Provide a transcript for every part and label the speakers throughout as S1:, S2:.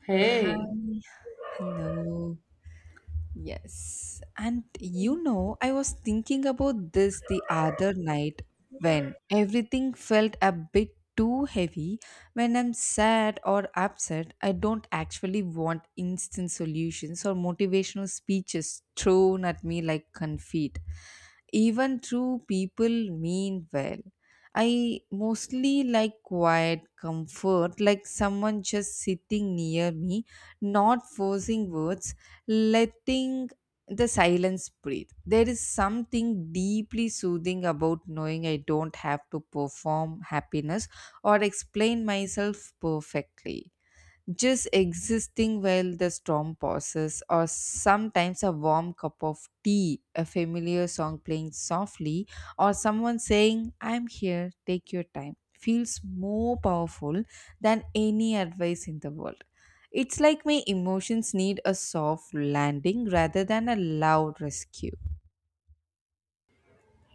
S1: Hey,
S2: Hi. Hello. Yes. And you know, I was thinking about this the other night when everything felt a bit too heavy. When I'm sad or upset, I don't actually want instant solutions or motivational speeches thrown at me like confit even true people mean well. I mostly like quiet comfort, like someone just sitting near me, not forcing words, letting the silence breathe. There is something deeply soothing about knowing I don't have to perform happiness or explain myself perfectly just existing while the storm passes, or sometimes a warm cup of tea, a familiar song playing softly, or someone saying, I'm here, take your time, feels more powerful than any advice in the world. It's like my emotions need a soft landing rather than a loud rescue.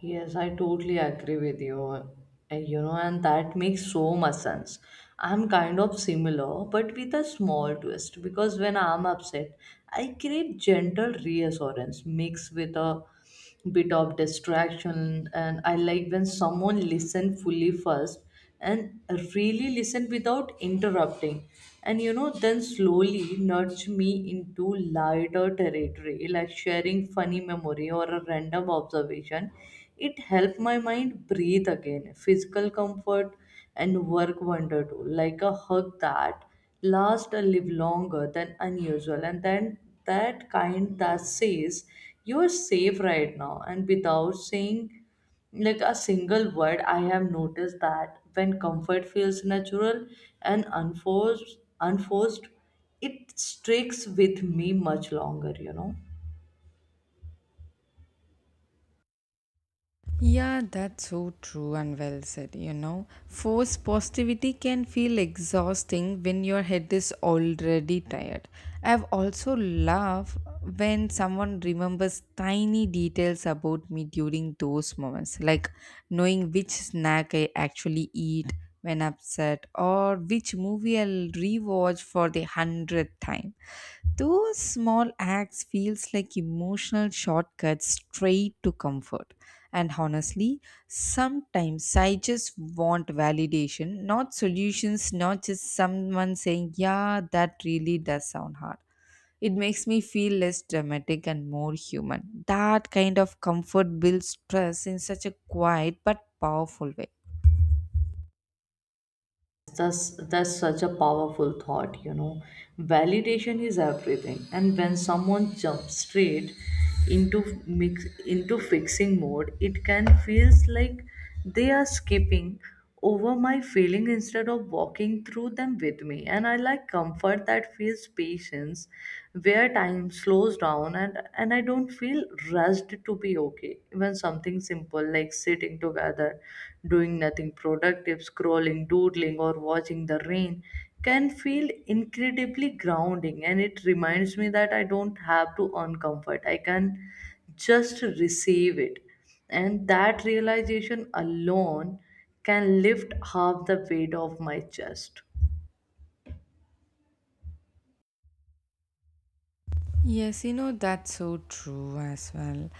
S1: yes, I totally agree with you. And, you know, and that makes so much sense. I'm kind of similar, but with a small twist because when I'm upset, I crave gentle reassurance mixed with a bit of distraction. And I like when someone listens fully first and really listen without interrupting. And then slowly nudge me into lighter territory, like sharing funny memory or a random observation. It helped my mind breathe again. Physical comfort and work wonder too, like a hug that lasts a live longer than unusual, and then that kind that says you're safe right now, and without saying like a single word. I have noticed that when comfort feels natural and unforced, it sticks with me much longer.
S2: Yeah, that's so true and well said. You know, force positivity can feel exhausting when your head is already tired. I've also laughed when someone remembers tiny details about me during those moments, like knowing which snack I actually eat when upset or which movie I'll rewatch for the hundredth time. Those small acts feels like emotional shortcuts straight to comfort. And honestly, sometimes I just want validation, not solutions, not just someone saying, yeah, that really does sound hard. It makes me feel less dramatic and more human. That kind of comfort builds trust in such a quiet but powerful way.
S1: That's such a powerful thought. Validation is everything, and when someone jumps straight into mix into fixing mode, it can feels like they are skipping over my feeling instead of walking through them with me. And I like comfort that feels patience, where time slows down, and I don't feel rushed to be okay. Even something simple like sitting together, doing nothing productive, scrolling, doodling, or watching the rain can feel incredibly grounding. And it reminds me that I don't have to earn comfort, I can just receive it. And that realization alone can lift half the weight off my chest.
S2: Yes, you know, that's so true as well.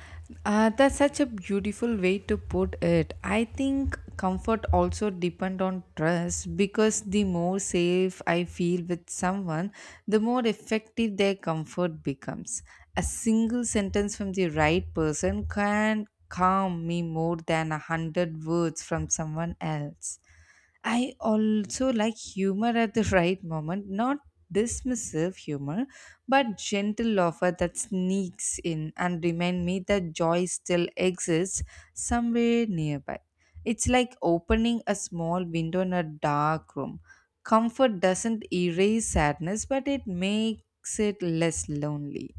S2: That's such a beautiful way to put it. I think comfort also depend on trust because the more safe I feel with someone, the more effective their comfort becomes. A single sentence from the right person can calm me more than a hundred words from someone else. I also like humor at the right moment, not dismissive humor, but gentle offer that sneaks in and remind me that joy still exists somewhere nearby. It's like opening a small window in a dark room. Comfort doesn't erase sadness, but it makes it less lonely.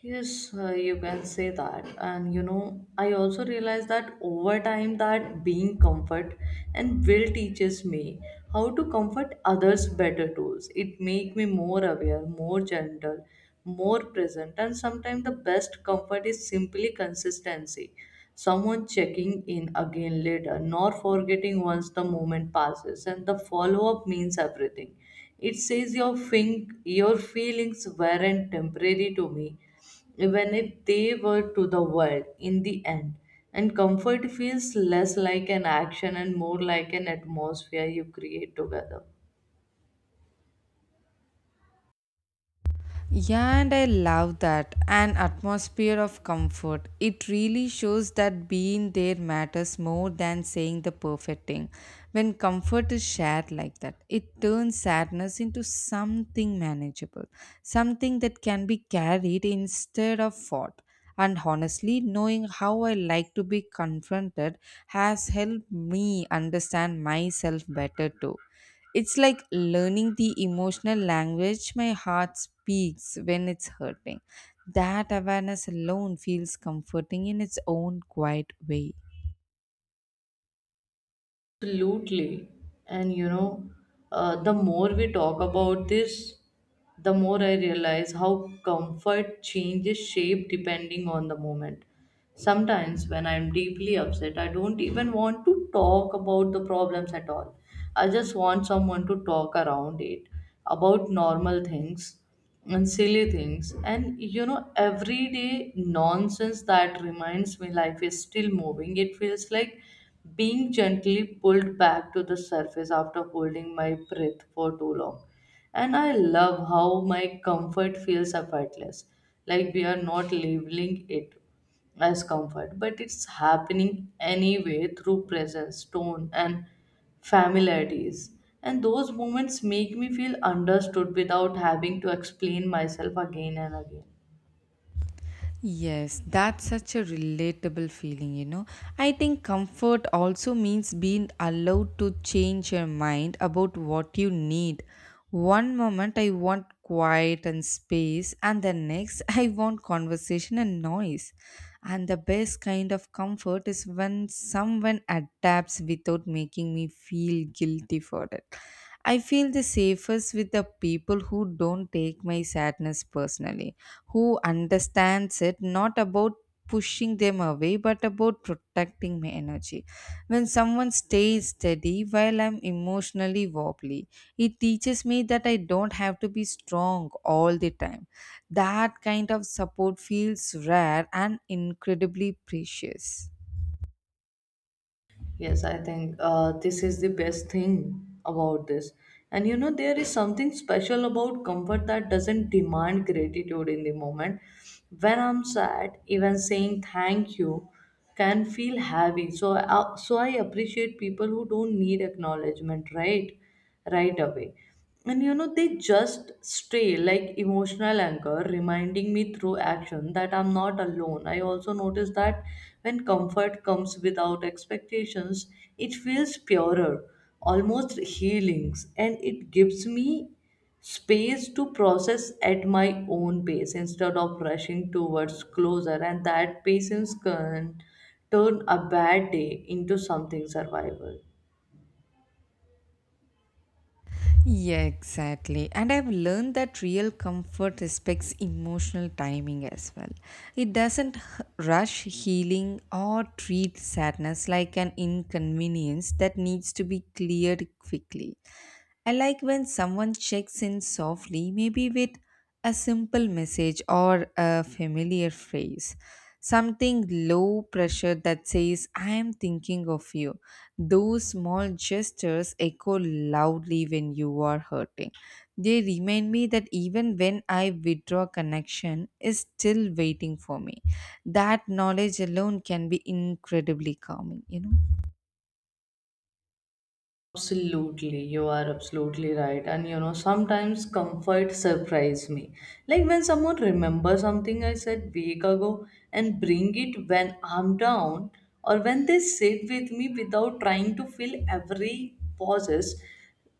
S1: Yes, you can say that. And you know, I also realized that over time that being comfort and will teaches me how to comfort others better tools. It make me more aware, more gentle, more present, and sometimes the best comfort is simply consistency. Someone checking in again later, nor forgetting once the moment passes, and the follow up means everything. It says your your feelings weren't temporary to me, even if they were to the world in the end. And comfort feels less like an action and more like an atmosphere you create together.
S2: Yeah, and I love that. An atmosphere of comfort. It really shows that being there matters more than saying the perfect thing. When comfort is shared like that, it turns sadness into something manageable, something that can be carried instead of fought. And honestly, knowing how I like to be confronted has helped me understand myself better too. It's like learning the emotional language my heart speaks when it's hurting. That awareness alone feels comforting in its own quiet way.
S1: Absolutely. And you know, the more we talk about this, the more I realize how comfort changes shape depending on the moment. Sometimes, when I'm deeply upset, I don't even want to talk about the problems at all. I just want someone to talk around it, about normal things and silly things, and everyday nonsense that reminds me life is still moving. It feels like being gently pulled back to the surface after holding my breath for too long. And I love how my comfort feels effortless, like we are not labeling it as comfort, but it's happening anyway through presence, tone, and familiarities. And those moments make me feel understood without having to explain myself again and again.
S2: Yes, that's such a relatable feeling, you know. I think comfort also means being allowed to change your mind about what you need. One moment I want quiet and space, and the next I want conversation and noise. And the best kind of comfort is when someone adapts without making me feel guilty for it. I feel the safest with the people who don't take my sadness personally, who understands it not about pushing them away but about protecting my energy. When someone stays steady while I'm emotionally wobbly, it teaches me that I don't have to be strong all the time. That kind of support feels rare and incredibly precious.
S1: Yes, I think this is the best thing about this. And you know, there is something special about comfort that doesn't demand gratitude in the moment. When I'm sad, even saying thank you can feel heavy. So I appreciate people who don't need acknowledgement right away. And you know, they just stray like emotional anchor, reminding me through action that I'm not alone. I also notice that when comfort comes without expectations, it feels purer, almost healings, and it gives me space to process at my own pace instead of rushing towards closer. And that patience can turn a bad day into something survival.
S2: Yeah, exactly. And I've learned that real comfort respects emotional timing as well. It doesn't rush healing or treat sadness like an inconvenience that needs to be cleared quickly. I like when someone checks in softly, maybe with a simple message or a familiar phrase. Something low pressure that says, I am thinking of you. Those small gestures echo loudly when you are hurting. They remind me that even when I withdraw connection is still waiting for me. That knowledge alone can be incredibly calming, you know.
S1: Absolutely, you are absolutely right. And you know, sometimes comfort surprise me. Like when someone remembers something I said week ago and bring it when I'm down, or when they sit with me without trying to fill every pauses.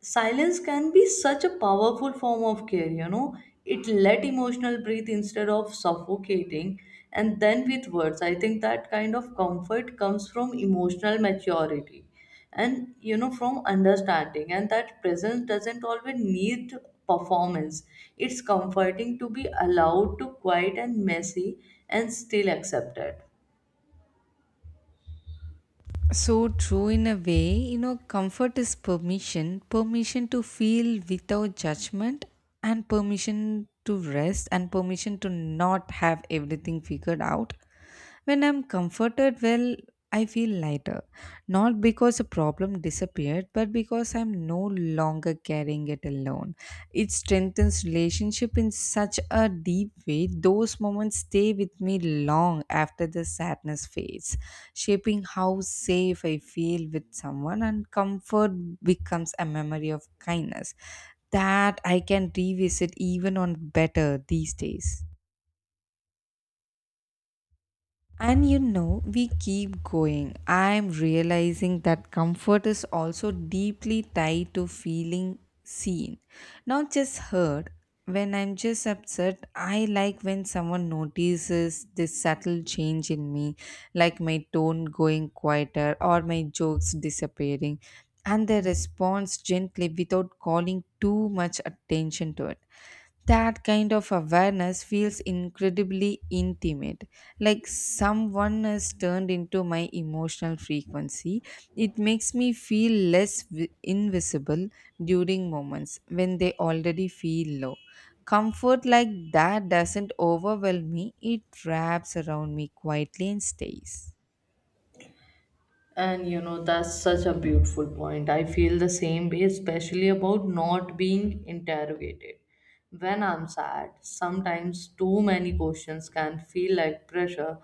S1: Silence can be such a powerful form of care, you know. It let emotional breathe instead of suffocating. And then with words, I think that kind of comfort comes from emotional maturity, and from understanding, and that presence doesn't always need performance. It's comforting to be allowed to quiet and messy and still accepted.
S2: So true in a way, you know, comfort is permission, permission to feel without judgment, and permission to rest, and permission to not have everything figured out. When I'm comforted, well, I feel lighter, not because a problem disappeared, but because I'm no longer carrying it alone. It strengthens relationship in such a deep way. Those moments stay with me long after the sadness fades, shaping how safe I feel with someone and comfort becomes a memory of kindness that I can revisit even on better these days. And you know, we keep going. I'm realizing that comfort is also deeply tied to feeling seen, not just heard. When I'm just upset, I like when someone notices this subtle change in me, like my tone going quieter or my jokes disappearing, and they responds gently without calling too much attention to it. That kind of awareness feels incredibly intimate, like someone has turned into my emotional frequency. It makes me feel less invisible during moments when they already feel low. Comfort like that doesn't overwhelm me, it wraps around me quietly and stays.
S1: And that's such a beautiful point. I feel the same way, especially about not being interrogated when I'm sad. Sometimes too many questions can feel like pressure,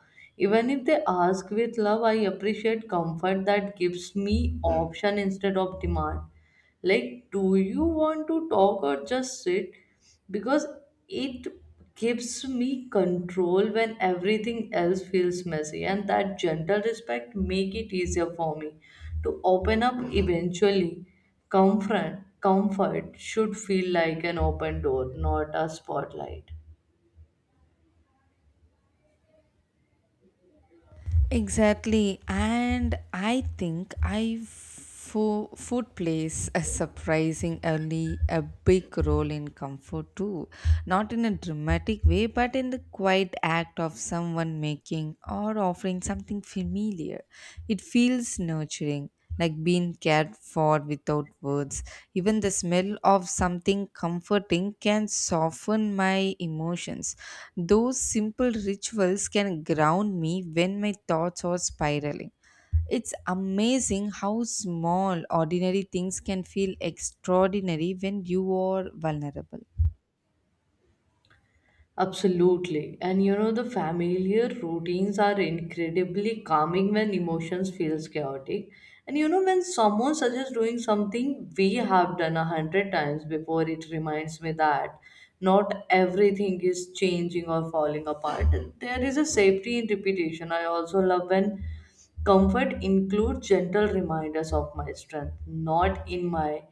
S1: even if they ask with love. I appreciate comfort that gives me option instead of demand. Like, do you want to talk or just sit? Because it gives me control when everything else feels messy, and that gentle respect make it easier for me to open up eventually. Comfort should feel like an open door, not a spotlight.
S2: Exactly. And I think food plays a surprising early a big role in comfort too. Not in a dramatic way, but in the quiet act of someone making or offering something familiar. It feels nurturing like being cared for without words. Even the smell of something comforting can soften my emotions. Those simple rituals can ground me when my thoughts are spiraling. It's amazing how small, ordinary things can feel extraordinary when you are vulnerable.
S1: Absolutely. And you know, the familiar routines are incredibly calming when emotions feels chaotic. And you know, when someone suggests doing something we have done a hundred times before, it reminds me that not everything is changing or falling apart. There is a safety in repetition. I also love when comfort includes gentle reminders of my strength, not in my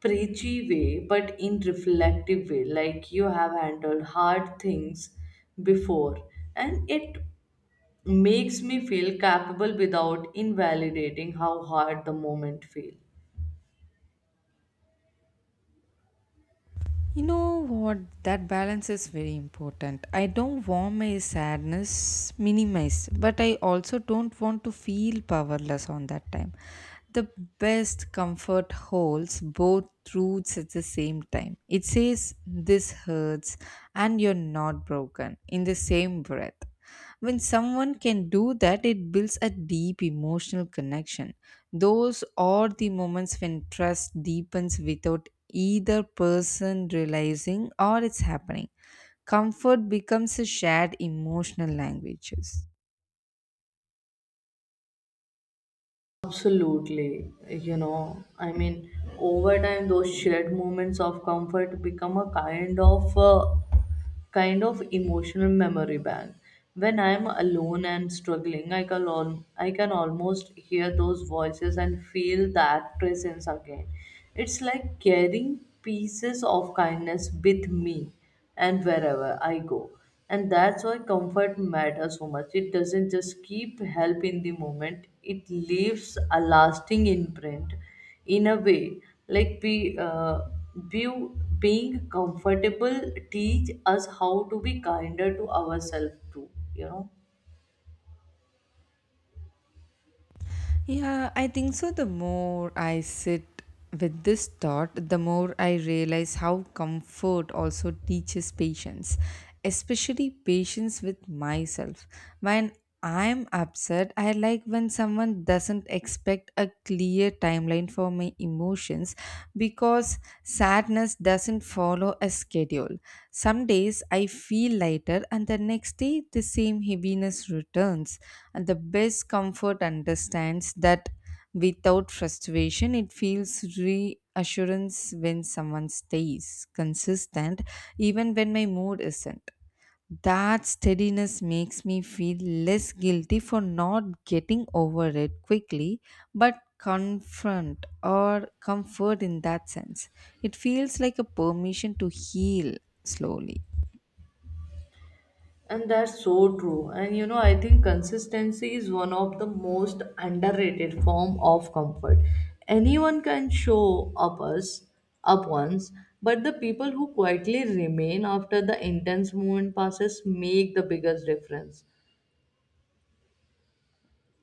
S1: preachy way, but in reflective way, like you have handled hard things before, and it makes me feel capable without invalidating how hard the moment feel.
S2: You know what? That balance is very important. I don't want my sadness minimized, but I also don't want to feel powerless on that time. The best comfort holds both truths at the same time. It says, this hurts, and you're not broken in the same breath. When someone can do that, it builds a deep emotional connection. Those are the moments when trust deepens without either person realizing or it's happening. Comfort becomes a shared emotional languages.
S1: Absolutely. You know, I mean, over time, those shared moments of comfort become a kind of kind of emotional memory bank. When I'm alone and struggling, I can almost hear those voices and feel that presence again. It's like carrying pieces of kindness with me and wherever I go. And that's why comfort matters so much. It doesn't just keep help in the moment, it leaves a lasting imprint in a way. Like be, uh, be, being comfortable teach us how to be kinder to ourselves too, you know.
S2: Yeah, I think so. The more I sit with this thought, the more I realize how comfort also teaches patience, especially patience with myself. When I'm upset, I like when someone doesn't expect a clear timeline for my emotions because sadness doesn't follow a schedule. Some days I feel lighter, and the next day the same heaviness returns. And the best comfort understands that without frustration, it feels reassurance when someone stays consistent, even when my mood isn't. That steadiness makes me feel less guilty for not getting over it quickly, but confront or comfort in that sense. It feels like a permission to heal slowly.
S1: And that's so true. And you know, I think consistency is one of the most underrated form of comfort. Anyone can show up us up once, but the people who quietly remain after the intense moment passes make the biggest difference.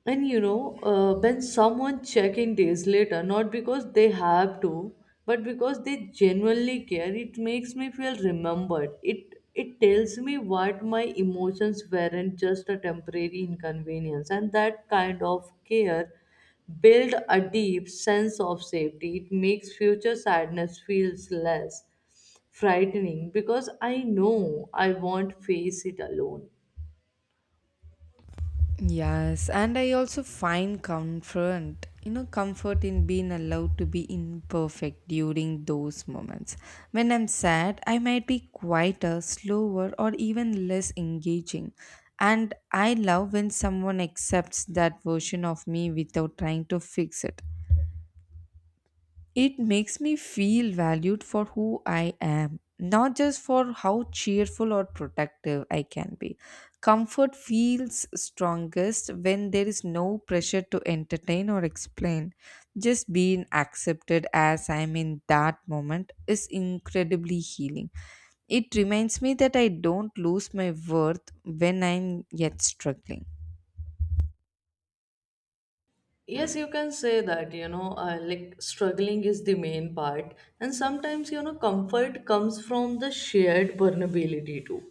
S1: And you know, when someone check in days later, not because they have to, but because they genuinely care, it makes me feel remembered. It tells me what my emotions weren't just a temporary inconvenience, and that kind of care build a deep sense of safety. It makes future sadness feels less frightening because I know I won't face it alone.
S2: Yes, and I also find comfort, you know, comfort in being allowed to be imperfect during those moments. When I'm sad, I might be quieter, slower, or even less engaging. And I love when someone accepts that version of me without trying to fix it. It makes me feel valued for who I am, not just for how cheerful or protective I can be. Comfort feels strongest when there is no pressure to entertain or explain. Just being accepted as I am in that moment is incredibly healing. It reminds me that I don't lose my worth when I'm yet struggling.
S1: Yes, you can say that, you know. Like struggling is the main part, and sometimes, you know, comfort comes from the shared vulnerability too.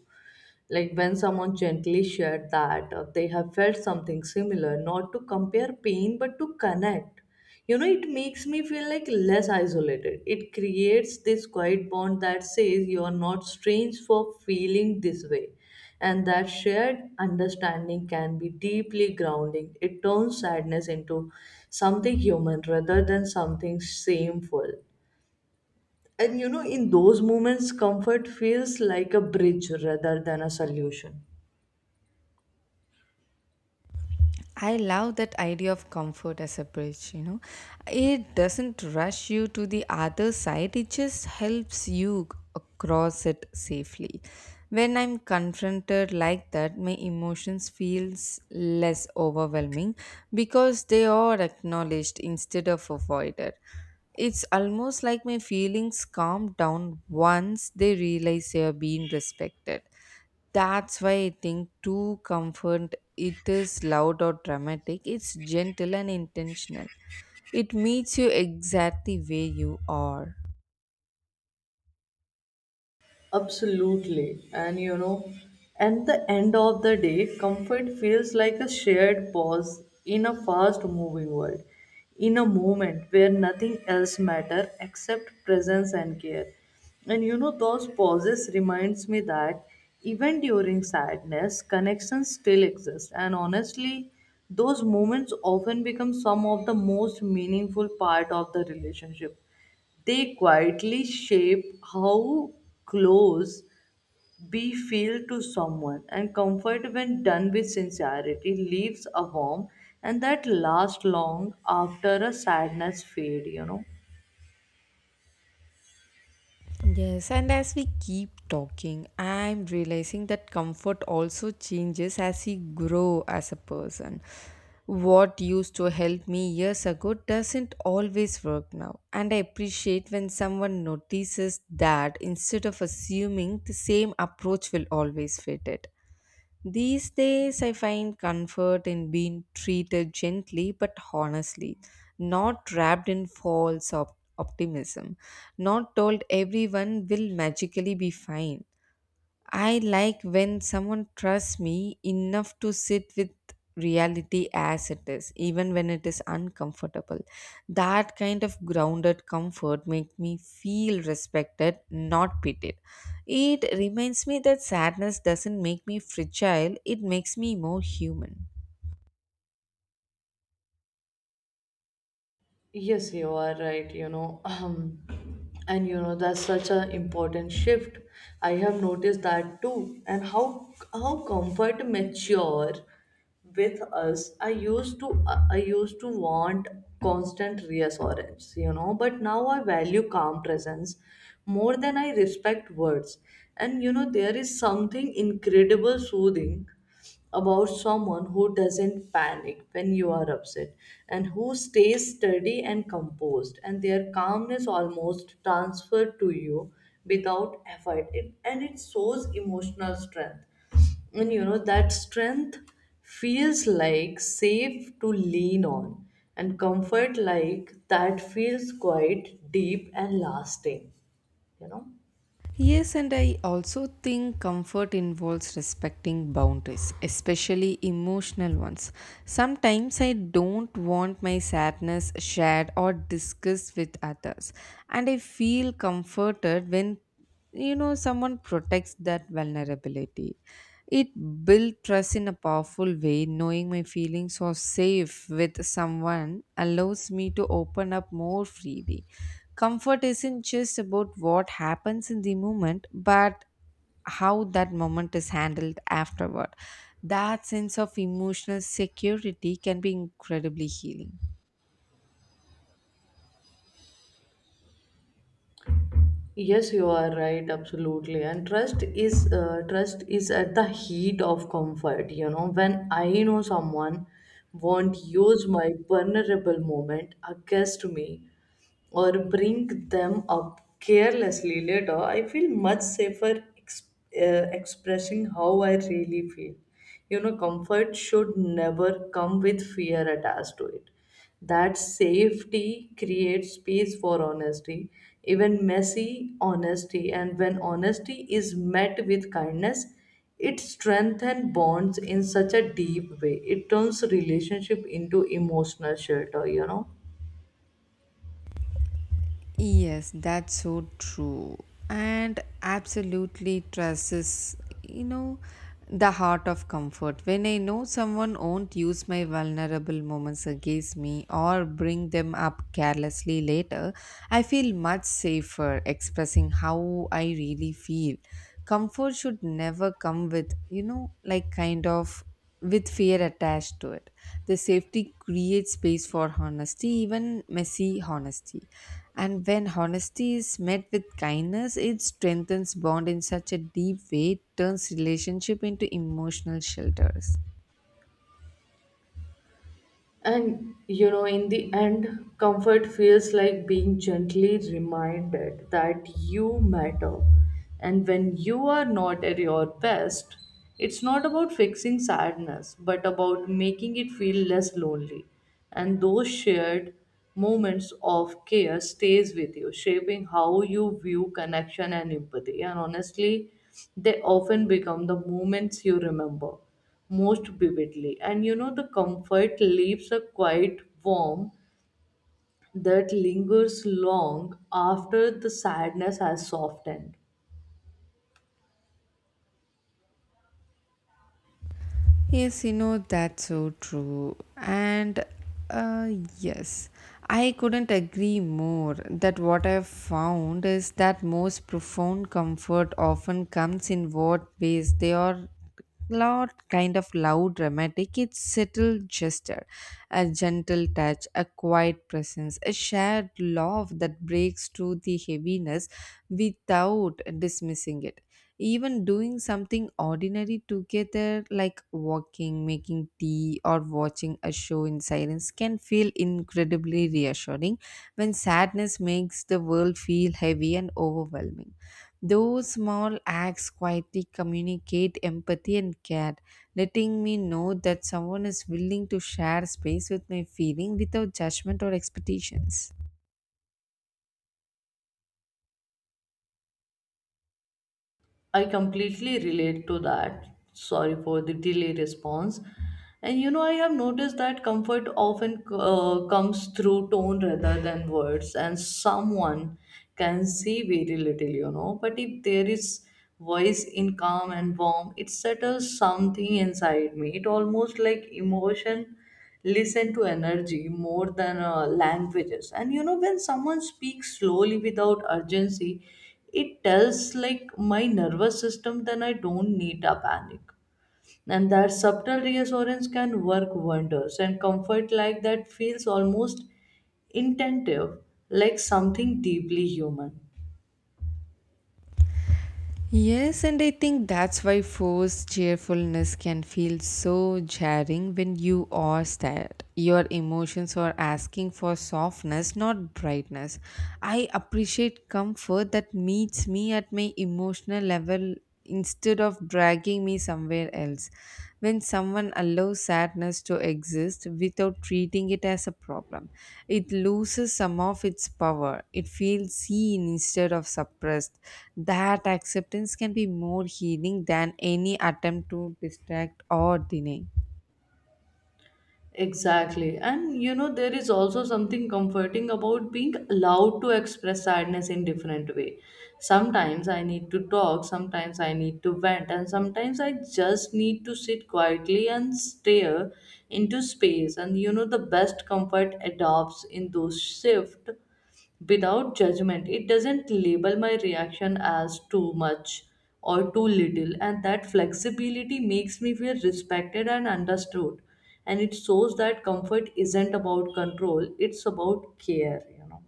S1: Like when someone gently shared that they have felt something similar, not to compare pain but to connect. You know, it makes me feel like less isolated. It creates this quiet bond that says you are not strange for feeling this way. And that shared understanding can be deeply grounding. It turns sadness into something human rather than something shameful. And you know, in those moments, comfort feels like a bridge rather than a solution.
S2: I love that idea of comfort as a bridge, you know. It doesn't rush you to the other side, it just helps you across it safely. When I'm confronted like that, my emotions feels less overwhelming because they are acknowledged instead of avoided. It's almost like my feelings calm down once they realize they are being respected. That's why I think too comfort it is loud or dramatic. It's gentle and intentional. It meets you exactly where you are.
S1: Absolutely. And you know, at the end of the day, comfort feels like a shared pause in a fast moving world, in a moment where nothing else matters except presence and care. And you know, those pauses reminds me that even during sadness, connections still exist. And honestly, those moments often become some of the most meaningful part of the relationship. They quietly shape how close we feel to someone, and comfort, when done with sincerity, leaves a warmth, and that lasts long after a sadness fade. You know.
S2: Yes, and as we keep talking, I'm realizing that comfort also changes as you grow as a person. What used to help me years ago doesn't always work now, and I appreciate when someone notices that instead of assuming the same approach will always fit it. These days, I find comfort in being treated gently but honestly, not wrapped in false optimism, not told everyone will magically be fine. I like when someone trusts me enough to sit with reality as it is, even when it is uncomfortable. That kind of grounded comfort makes me feel respected, not pitied. It reminds me that sadness doesn't make me fragile, it makes me more human.
S1: Yes, you are right, you know. And you know that's such an important shift. I have noticed that too. And how comfort mature with us. I used to want constant reassurance, you know, but now I value calm presence more than I respect words. And you know, there is something incredible soothing about someone who doesn't panic when you are upset and who stays steady and composed, and their calmness almost transferred to you without effort it, and it shows emotional strength. And you know that strength feels like safe to lean on, and comfort like that feels quite deep and lasting, you know.
S2: Yes, and I also think comfort involves respecting boundaries, especially emotional ones. Sometimes I don't want my sadness shared or discussed with others, and I feel comforted when you know someone protects that vulnerability. It built trust in a powerful way. Knowing my feelings are safe with someone allows me to open up more freely. Comfort isn't just about what happens in the moment, but how that moment is handled afterward. That sense of emotional security can be incredibly healing.
S1: Yes, you are right, absolutely. And trust is trust is at the heat of comfort. You know, when I know someone won't use my vulnerable moment against me, or bring them up carelessly later, I feel much safer expressing how I really feel. You know, comfort should never come with fear attached to it. That safety creates space for honesty, even messy honesty. And when honesty is met with kindness, it strengthens bonds in such a deep way. It turns relationship into emotional shelter, you know.
S2: Yes, that's so true. And absolutely trust is, you know, the heart of comfort. When I know someone won't use my vulnerable moments against me or bring them up carelessly later, I feel much safer expressing how I really feel. Comfort should never come with, you know, like kind of with fear attached to it. The safety creates space for honesty, even messy honesty. And when honesty is met with kindness, it strengthens bond in such a deep way, it turns relationship into emotional shelters.
S1: And you know, in the end, comfort feels like being gently reminded that you matter. And when you are not at your best, it's not about fixing sadness, but about making it feel less lonely. And those shared moments of care stays with you, shaping how you view connection and empathy. And honestly, they often become the moments you remember most vividly. And you know, the comfort leaves a quiet warmth that lingers long after the sadness has softened.
S2: Yes, you know, that's so true. And uh, yes, I couldn't agree more that what I've found is that most profound comfort often comes in what ways they are not kind of loud dramatic, it's subtle gesture, a gentle touch, a quiet presence, a shared love that breaks through the heaviness without dismissing it. Even doing something ordinary together, like walking, making tea, or watching a show in silence, can feel incredibly reassuring when sadness makes the world feel heavy and overwhelming. Those small acts quietly communicate empathy and care, letting me know that someone is willing to share space with my feeling without judgment or expectations.
S1: I completely relate to that. Sorry for the delay response. And you know, I have noticed that comfort often comes through tone rather than words, and someone can see very little, you know. But if there is voice in calm and warm, it settles something inside me. It almost like emotion listen to energy more than languages. And you know, when someone speaks slowly without urgency, it tells like my nervous system then I don't need a panic. And that subtle reassurance can work wonders, and comfort like that feels almost intentive, like something deeply human.
S2: Yes, and I think that's why forced cheerfulness can feel so jarring when you are sad. Your emotions are asking for softness, not brightness. I appreciate comfort that meets me at my emotional level instead of dragging me somewhere else. When someone allows sadness to exist without treating it as a problem, it loses some of its power. It feels seen instead of suppressed. That acceptance can be more healing than any attempt to distract or deny.
S1: Exactly. And you know, there is also something comforting about being allowed to express sadness in different way. Sometimes I need to talk, sometimes I need to vent, and sometimes I just need to sit quietly and stare into space. And you know, the best comfort adopts in those shift without judgment. It doesn't label my reaction as too much or too little, and that flexibility makes me feel respected and understood. And it shows that comfort isn't about control, it's about care, you know.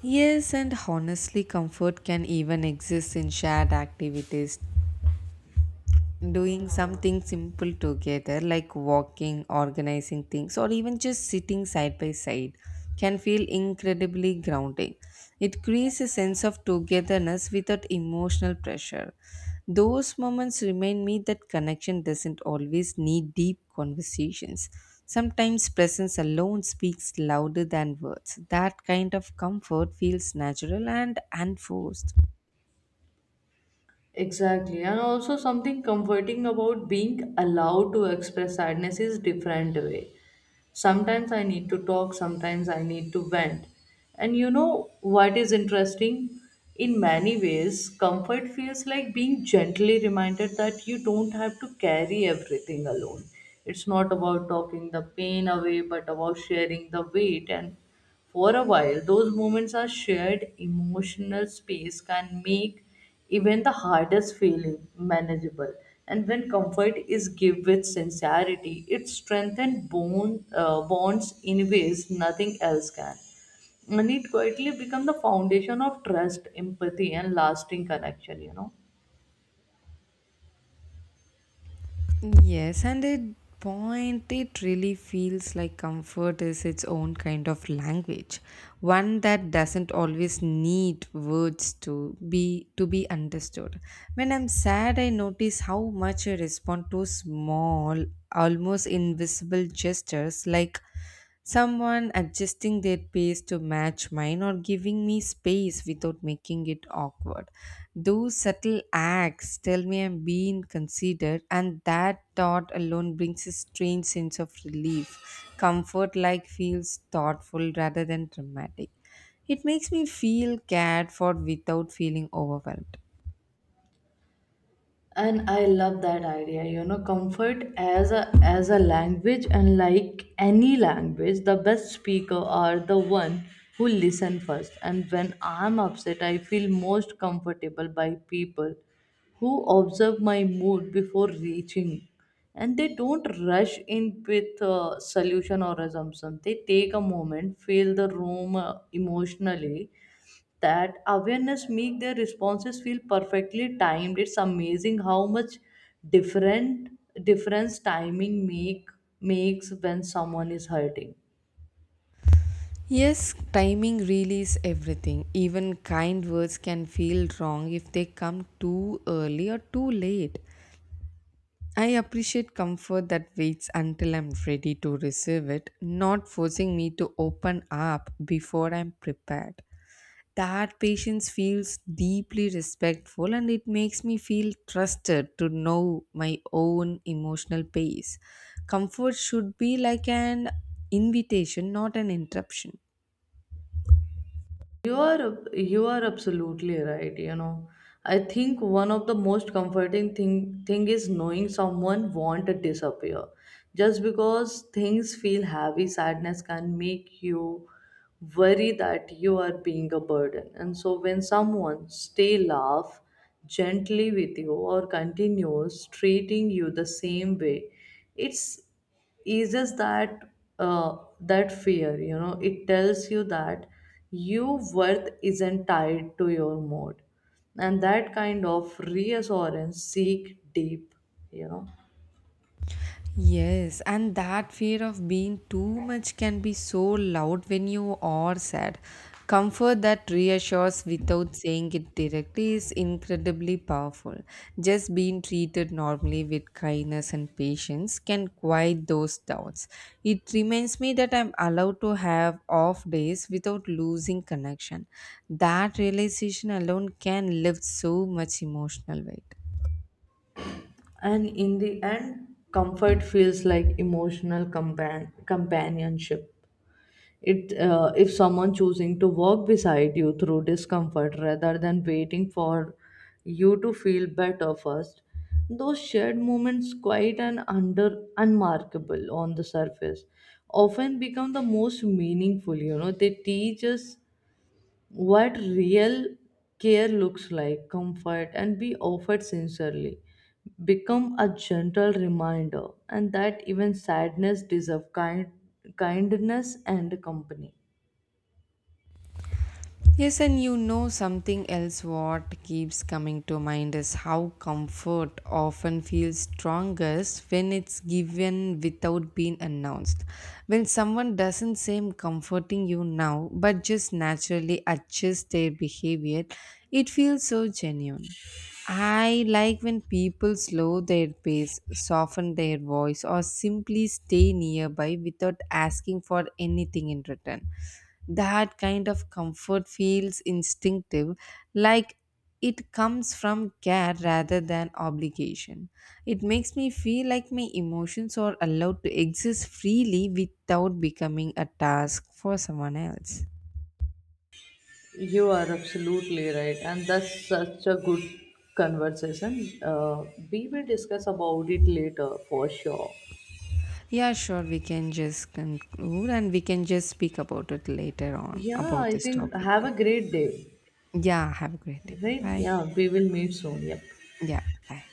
S2: Yes, and honestly, comfort can even exist in shared activities, doing something simple together like walking, organizing things, or even just sitting side by side can feel incredibly grounding. It creates a sense of togetherness without emotional pressure. Those moments remind me that connection doesn't always need deep conversations. Sometimes presence alone speaks louder than words. That kind of comfort feels natural and unforced.
S1: Exactly. And also something comforting about being allowed to express sadness is different way. Sometimes I need to talk, sometimes I need to vent. And you know what is interesting? In many ways, comfort feels like being gently reminded that you don't have to carry everything alone. It's not about talking the pain away, but about sharing the weight, and for a while, those moments are shared emotional space can make even the hardest feeling manageable. And when comfort is given with sincerity, it strengthens bonds in ways nothing else can. And it quietly becomes the foundation of trust, empathy, and lasting connection, you know.
S2: Yes, and at point it really feels like comfort is its own kind of language, one that doesn't always need words to be understood. When I'm sad, I notice how much I respond to small, almost invisible gestures like someone adjusting their pace to match mine or giving me space without making it awkward. Those subtle acts tell me I'm being considered, and that thought alone brings a strange sense of relief. Comfort like feels thoughtful rather than dramatic. It makes me feel cared for without feeling overwhelmed.
S1: And I love that idea, you know, comfort as a language, and like any language the best speaker are the one who listen first. And when I'm upset, I feel most comfortable by people who observe my mood before reaching. And they don't rush in with a solution or assumption. They take a moment, feel the room emotionally. That awareness make their responses feel perfectly timed. It's amazing how much different difference timing makes when someone is hurting.
S2: Yes, timing really is everything. Even kind words can feel wrong if they come too early or too late. I appreciate comfort that waits until I'm ready to receive it, not forcing me to open up before I'm prepared. That patience feels deeply respectful, and it makes me feel trusted to know my own emotional pace. Comfort should be like an invitation, not an interruption.
S1: You are absolutely right. You know, I think one of the most comforting thing is knowing someone won't disappear just because things feel heavy. Sadness can make you worry that you are being a burden. And so when someone stay laugh gently with you, or continues treating you the same way, it's eases that that fear, you know. It tells you that your worth isn't tied to your mood, and that kind of reassurance seek deep, you know.
S2: Yes, and that fear of being too much can be so loud when you are sad. Comfort that reassures without saying it directly is incredibly powerful. Just being treated normally with kindness and patience can quiet those doubts. It reminds me that I'm allowed to have off days without losing connection. That realization alone can lift so much emotional weight.
S1: And in the end, comfort feels like emotional companionship. It if someone choosing to walk beside you through discomfort rather than waiting for you to feel better first. Those shared moments quite and under unmarkable on the surface often become the most meaningful, you know. They teach us what real care looks like. Comfort and be offered sincerely become a gentle reminder, and that even sadness deserve kindness and company.
S2: Yes, and you know something else, what keeps coming to mind is how comfort often feels strongest when it's given without being announced. When someone doesn't seem comforting you now but just naturally adjusts their behavior, it feels so genuine. I like when people slow their pace, soften their voice, or simply stay nearby without asking for anything in return. That kind of comfort feels instinctive, like it comes from care rather than obligation. It makes me feel like my emotions are allowed to exist freely without becoming a task for someone else.
S1: You are absolutely right, and that's such a good conversation. We will discuss about it later for sure.
S2: Yeah, sure. We can just conclude and we can just speak about it later on
S1: Yeah,
S2: about
S1: I
S2: this
S1: think
S2: topic.
S1: have a great day.
S2: Yeah, have a great day. Bye
S1: Right?
S2: bye.
S1: Yeah, we will meet soon. Yep.
S2: Yeah, bye.